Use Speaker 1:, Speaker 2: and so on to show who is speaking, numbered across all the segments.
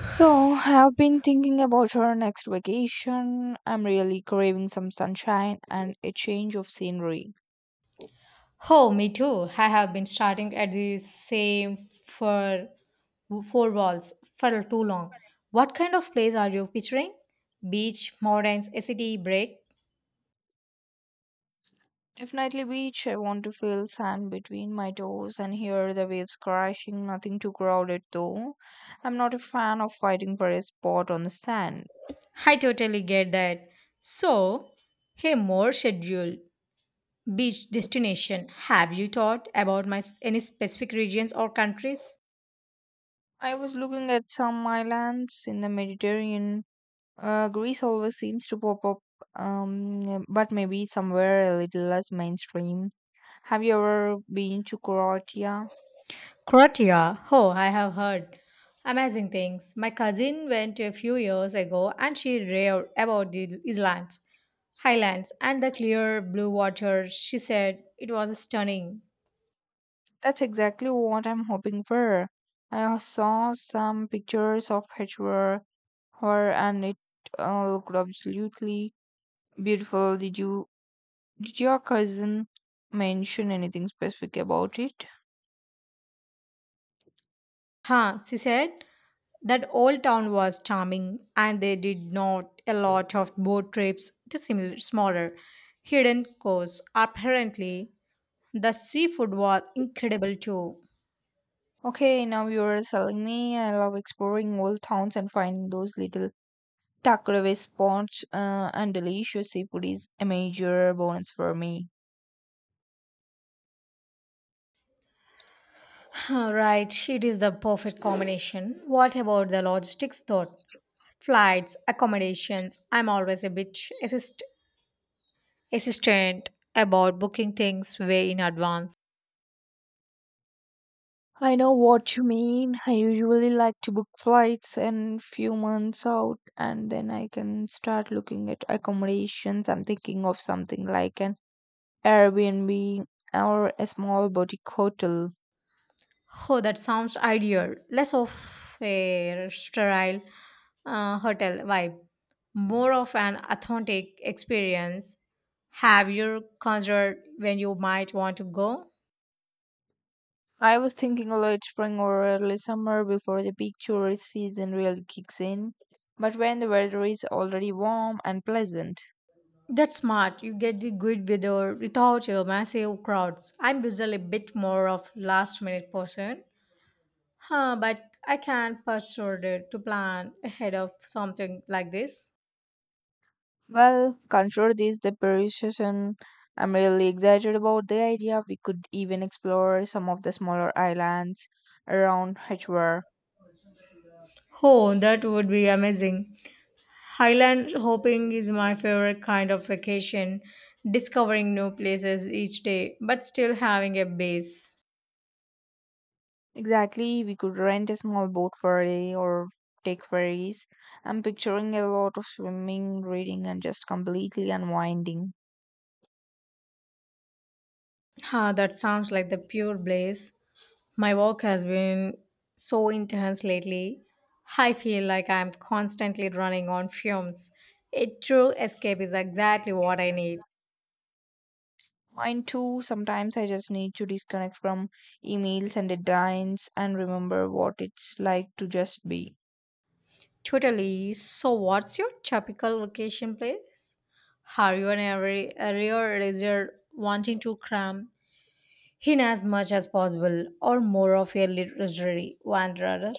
Speaker 1: So, I've been thinking about our next vacation. I'm really craving some sunshine and a change of scenery.
Speaker 2: Oh, me too. I have been starting at the same for four walls for too long. What kind of place are you picturing? Beach, mountains, a city break?
Speaker 1: If nightly beach, I want to feel sand between my toes and hear the waves crashing. Nothing too crowded though. I'm not a fan of fighting for a spot on the sand.
Speaker 2: I totally get that. So, More scheduled beach destination. Have you thought about my any specific regions or countries?
Speaker 1: I was looking at some islands in the Mediterranean. Greece always seems to pop up, but maybe somewhere a little less mainstream. Have you ever been to Croatia?
Speaker 2: Croatia. Oh, I have heard amazing things. My cousin went a few years ago and she raved about the islands, highlands, and the clear blue water. She said it was stunning.
Speaker 1: That's exactly what I'm hoping for. I saw some pictures of her, her and it looked absolutely beautiful. Did your cousin mention anything specific about it?
Speaker 2: She said that old town was charming and they did not a lot of boat trips to similar smaller hidden coasts. Apparently, the seafood was incredible too.
Speaker 1: Okay, now you're selling me. I love exploring old towns and finding those little tucked away spots, and delicious seafood is a major bonus for me.
Speaker 2: Right, it is the perfect combination. What about the logistics though? Flights, accommodations. I'm always a bit assistant about booking things way in advance.
Speaker 1: I know what you mean. I usually like to book flights and few months out and then I can start looking at accommodations. I'm thinking of something like an Airbnb or a small boutique hotel.
Speaker 2: Oh, that sounds ideal. Less of a sterile hotel vibe, more of an authentic experience. Have you considered when you might want to go?
Speaker 1: I was thinking late spring or early summer before the peak tourist season really kicks in, but when the weather is already warm and pleasant.
Speaker 2: That's smart. You get the good weather without your massive crowds. I'm usually a bit more of last minute person, but I can persuade it to plan ahead of something like this.
Speaker 1: Well, consider this the Paris session. I'm really excited about the idea. We could even explore some of the smaller islands around Hvar.
Speaker 2: Oh, that would be amazing. Highland hopping is my favorite kind of vacation, discovering new places each day, but still having a base.
Speaker 1: Exactly, we could rent a small boat for a day or take ferries. I'm picturing a lot of swimming, reading, and just completely unwinding.
Speaker 2: That sounds like the pure bliss. My work has been so intense lately. I feel like I'm constantly running on fumes. A true escape is exactly what I need.
Speaker 1: Mine too, sometimes I just need to disconnect from emails and deadlines and remember what it's like to just be.
Speaker 2: Totally. So, what's your typical vacation place? Are you an area reserve wanting to cram in as much as possible, or more of a literary wanderer?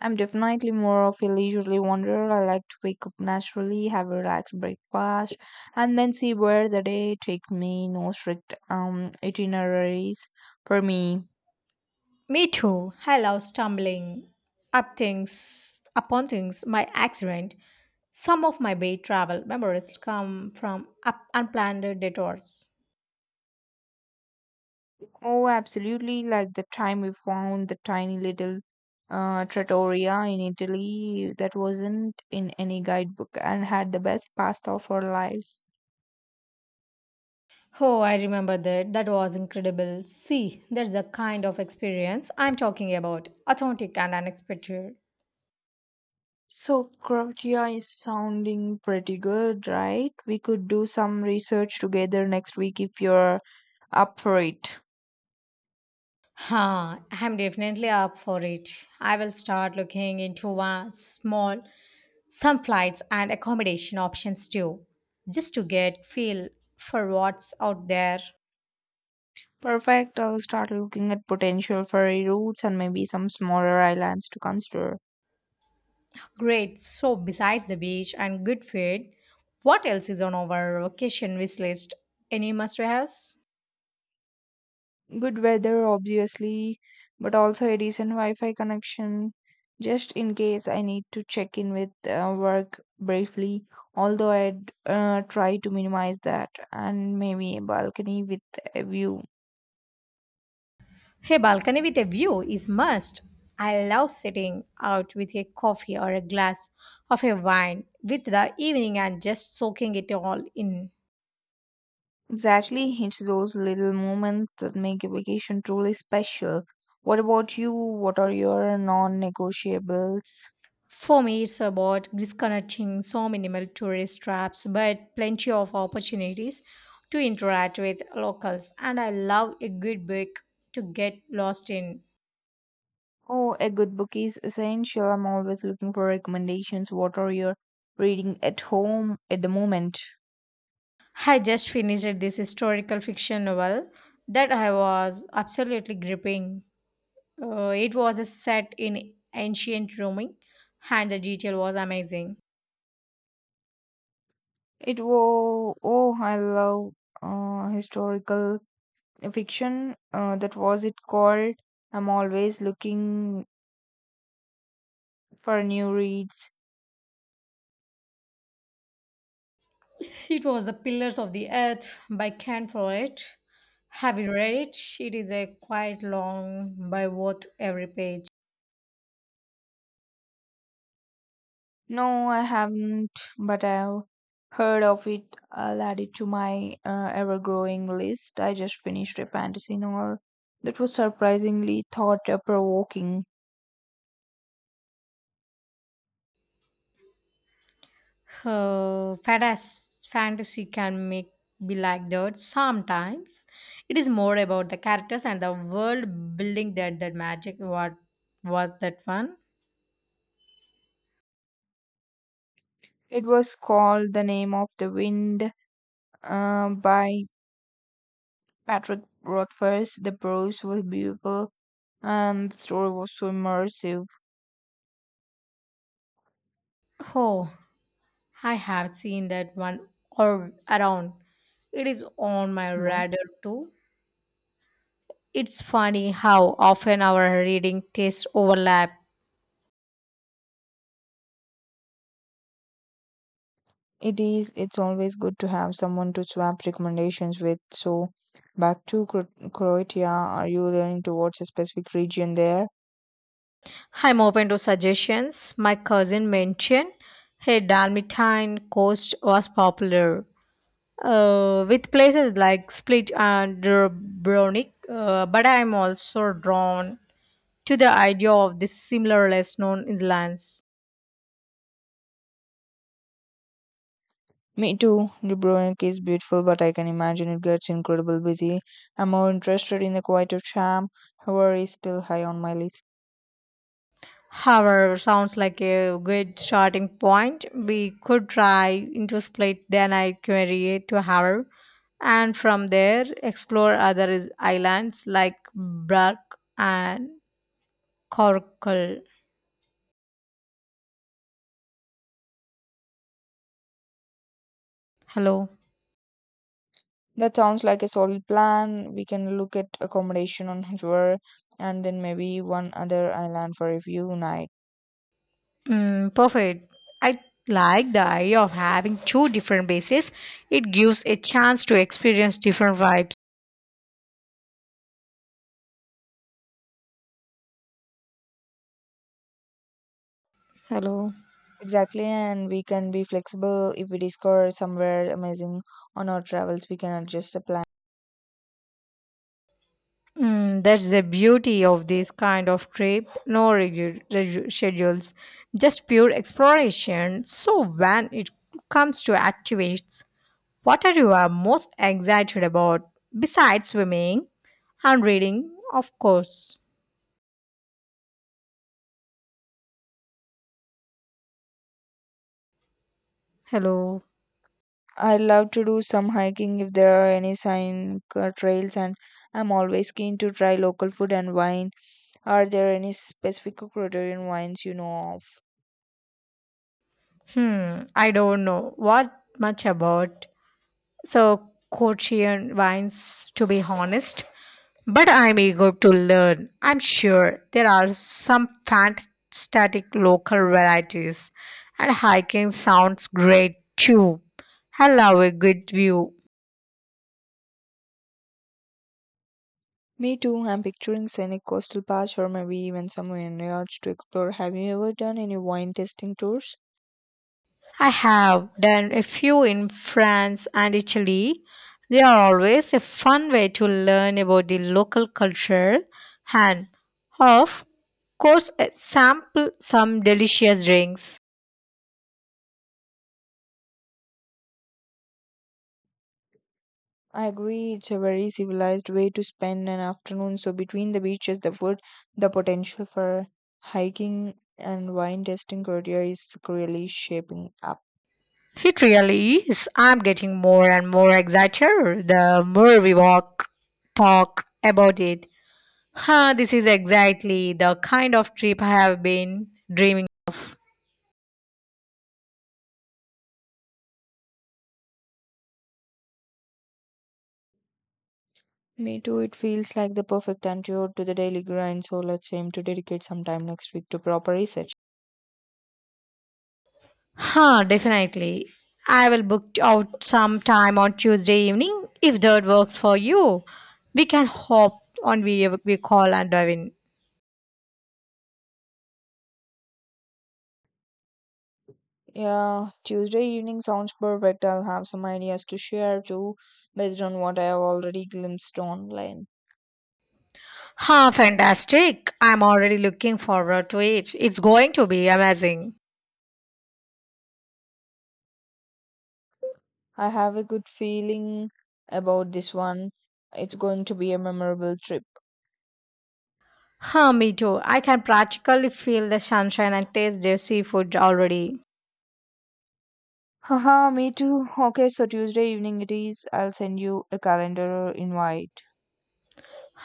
Speaker 1: I'm definitely more of a leisurely wanderer. I like to wake up naturally, have a relaxed breakfast, and then see where the day takes me. No strict itineraries for me.
Speaker 2: Me too. I love stumbling up things upon things by accident. Some of my bay travel memories come from up unplanned detours.
Speaker 1: Oh, absolutely! Like the time we found the tiny little trattoria in Italy that wasn't in any guidebook and had the best pasta of our lives.
Speaker 2: Oh, I remember that. That was incredible. See, that's the kind of experience I'm talking about. Authentic and unexpected.
Speaker 1: So Croatia is sounding pretty good, right? We could do some research together next week if you're up for it.
Speaker 2: I'm definitely up for it. I will start looking into one small, some flights and accommodation options too, just to get feel for what's out there.
Speaker 1: Perfect. I'll start looking at potential ferry routes and maybe some smaller islands to consider.
Speaker 2: Great. So, besides the beach and good food, what else is on our vacation wish list? Any must-haves?
Speaker 1: Good weather, obviously, but also a decent Wi-Fi connection, just in case I need to check in with work briefly. Although I'd try to minimize that, and maybe a balcony with a view.
Speaker 2: Hey, balcony with a view is must. I love sitting out with a coffee or a glass of a wine with the evening and just soaking it all in.
Speaker 1: Exactly, it's those little moments that make a vacation truly special. What about you? What are your non negotiables?
Speaker 2: For me, it's about disconnecting so minimal tourist traps, but plenty of opportunities to interact with locals. And I love a good book to get lost in.
Speaker 1: Oh, a good book is essential. I'm always looking for recommendations. What are your reading at home at the moment?
Speaker 2: I just finished this historical fiction novel that I was absolutely gripping. It was set in ancient Rome and the detail was amazing.
Speaker 1: It was, oh, I love historical fiction. That was it called. I'm always looking for new reads.
Speaker 2: It was The Pillars of the Earth by Ken Follett. Have you read it? It is a quite long by worth every page.
Speaker 1: No, I haven't, but I've heard of it. I'll add it to my ever-growing list. I just finished a fantasy novel that was surprisingly thought-provoking.
Speaker 2: Fantasy can make be like that sometimes, it is more about the characters and the world building that magic. What was that one?
Speaker 1: It was called The Name of the Wind by Patrick Rothfuss. The prose was beautiful and the story was so immersive.
Speaker 2: Oh, I have seen that one or around, it is on my radar too. It's funny how often our reading tastes overlap.
Speaker 1: It is, it's always good to have someone to swap recommendations with. So, back to Croatia, are you leaning towards a specific region there?
Speaker 2: I'm open to suggestions. My cousin mentioned hey Dalmatian coast was popular with places like Split and Dubrovnik, but I am also drawn to the idea of the similar less known islands.
Speaker 1: Me too. Dubrovnik is beautiful, but I can imagine it gets incredibly busy. I'm more interested in the quieter charm, however, is still high on my list.
Speaker 2: However, sounds like a good starting point. We could try into Split, then I query to Haver, and from there explore other islands like Brac and Corkle. Hello.
Speaker 1: That sounds like a solid plan. We can look at accommodation on Hvar and then maybe one other island for a few nights.
Speaker 2: Mm, perfect. I like the idea of having two different bases. It gives a chance to experience different vibes. Hello.
Speaker 1: Exactly, and we can be flexible if we discover somewhere amazing on our travels, we can adjust the plan.
Speaker 2: Mm, that's the beauty of this kind of trip. No schedules, just pure exploration. So when it comes to activities, what are you are most excited about besides swimming and reading? Of course. Hello.
Speaker 1: I love to do some hiking if there are any sign trails, and I'm always keen to try local food and wine. Are there any specific Ecuadorian wines you know of?
Speaker 2: Hmm. I don't know what much about. So, Korean wines, to be honest. But I'm eager to learn. I'm sure there are some fantastic local varieties, and hiking sounds great too. I love a good view.
Speaker 1: Me too. I'm picturing scenic coastal paths or maybe even some vineyards to explore. Have you ever done any wine tasting tours?
Speaker 2: I have done a few in France and Italy. They are always a fun way to learn about the local culture and, of course, sample some delicious drinks.
Speaker 1: I agree, it's a very civilized way to spend an afternoon. So, between the beaches, the food, the potential for hiking and wine tasting Korea is really shaping up.
Speaker 2: It really is. I'm getting more and more excited the more we walk, talk about it. This is exactly the kind of trip I have been dreaming of.
Speaker 1: Me too, it feels like the perfect antidote to the daily grind. So, let's aim to dedicate some time next week to proper research.
Speaker 2: Definitely. I will book out some time on Tuesday evening if that works for you. We can hop on video we call and dive in.
Speaker 1: Yeah, Tuesday evening sounds perfect. I'll have some ideas to share too, based on what I have already glimpsed online.
Speaker 2: Fantastic. I'm already looking forward to it. It's going to be amazing.
Speaker 1: I have a good feeling about this one. It's going to be a memorable trip.
Speaker 2: Me too. I can practically feel the sunshine and taste the seafood already.
Speaker 1: Haha, me too. Okay, so Tuesday evening it is. I'll send you a calendar invite.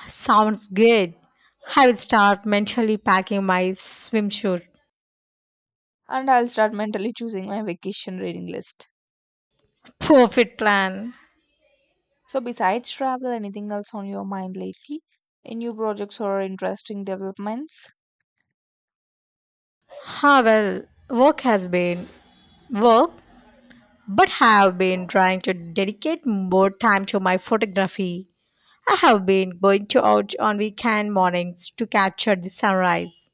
Speaker 2: Sounds good. I will start mentally packing my swimsuit.
Speaker 1: And I'll start mentally choosing my vacation reading list.
Speaker 2: Perfect plan.
Speaker 1: So, besides travel, anything else on your mind lately? Any new projects or interesting developments?
Speaker 2: Well, work has been work, but have been trying to dedicate more time to my photography. I have been going to out on weekend mornings to capture the sunrise.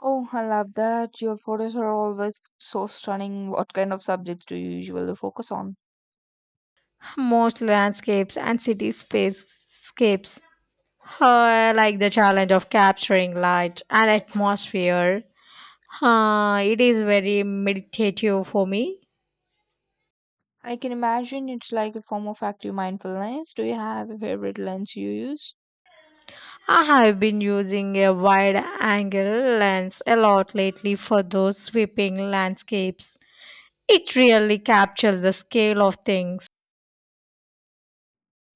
Speaker 1: Oh, I love that. Your photos are always so stunning. What kind of subjects do you usually focus on?
Speaker 2: Most landscapes and cityscapes. I like the challenge of capturing light and atmosphere. It is very meditative for me.
Speaker 1: I can imagine it's like a form of active mindfulness. Do you have a favorite lens you use?
Speaker 2: I have been using a wide angle lens a lot lately for those sweeping landscapes. It really captures the scale of things.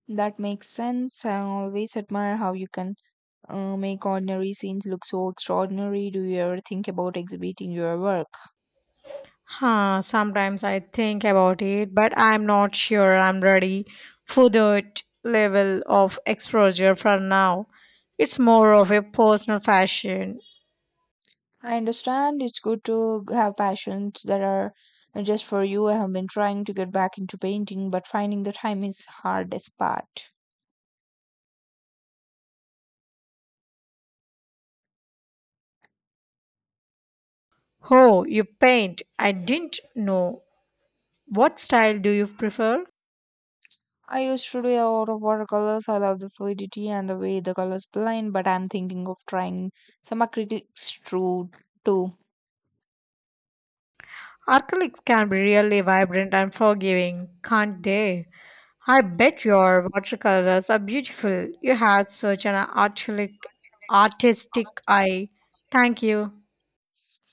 Speaker 1: That makes sense. I always admire how you can make ordinary scenes look so extraordinary. Do you ever think about exhibiting your work?
Speaker 2: Sometimes I think about it, but I'm not sure I'm ready for that level of exposure for now. It's more of a personal fashion.
Speaker 1: I understand it's good to have passions that are just for you. I have been trying to get back into painting, but finding the time is hardest part.
Speaker 2: Oh, you paint. I didn't know. What style do you prefer?
Speaker 1: I used to do a lot of watercolors. I love the fluidity and the way the colors blend, but I'm thinking of trying some acrylics too.
Speaker 2: Acrylics can be really vibrant and forgiving, can't they? I bet your watercolors are beautiful. You have such an artistic eye. Thank you.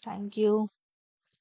Speaker 1: Thank you.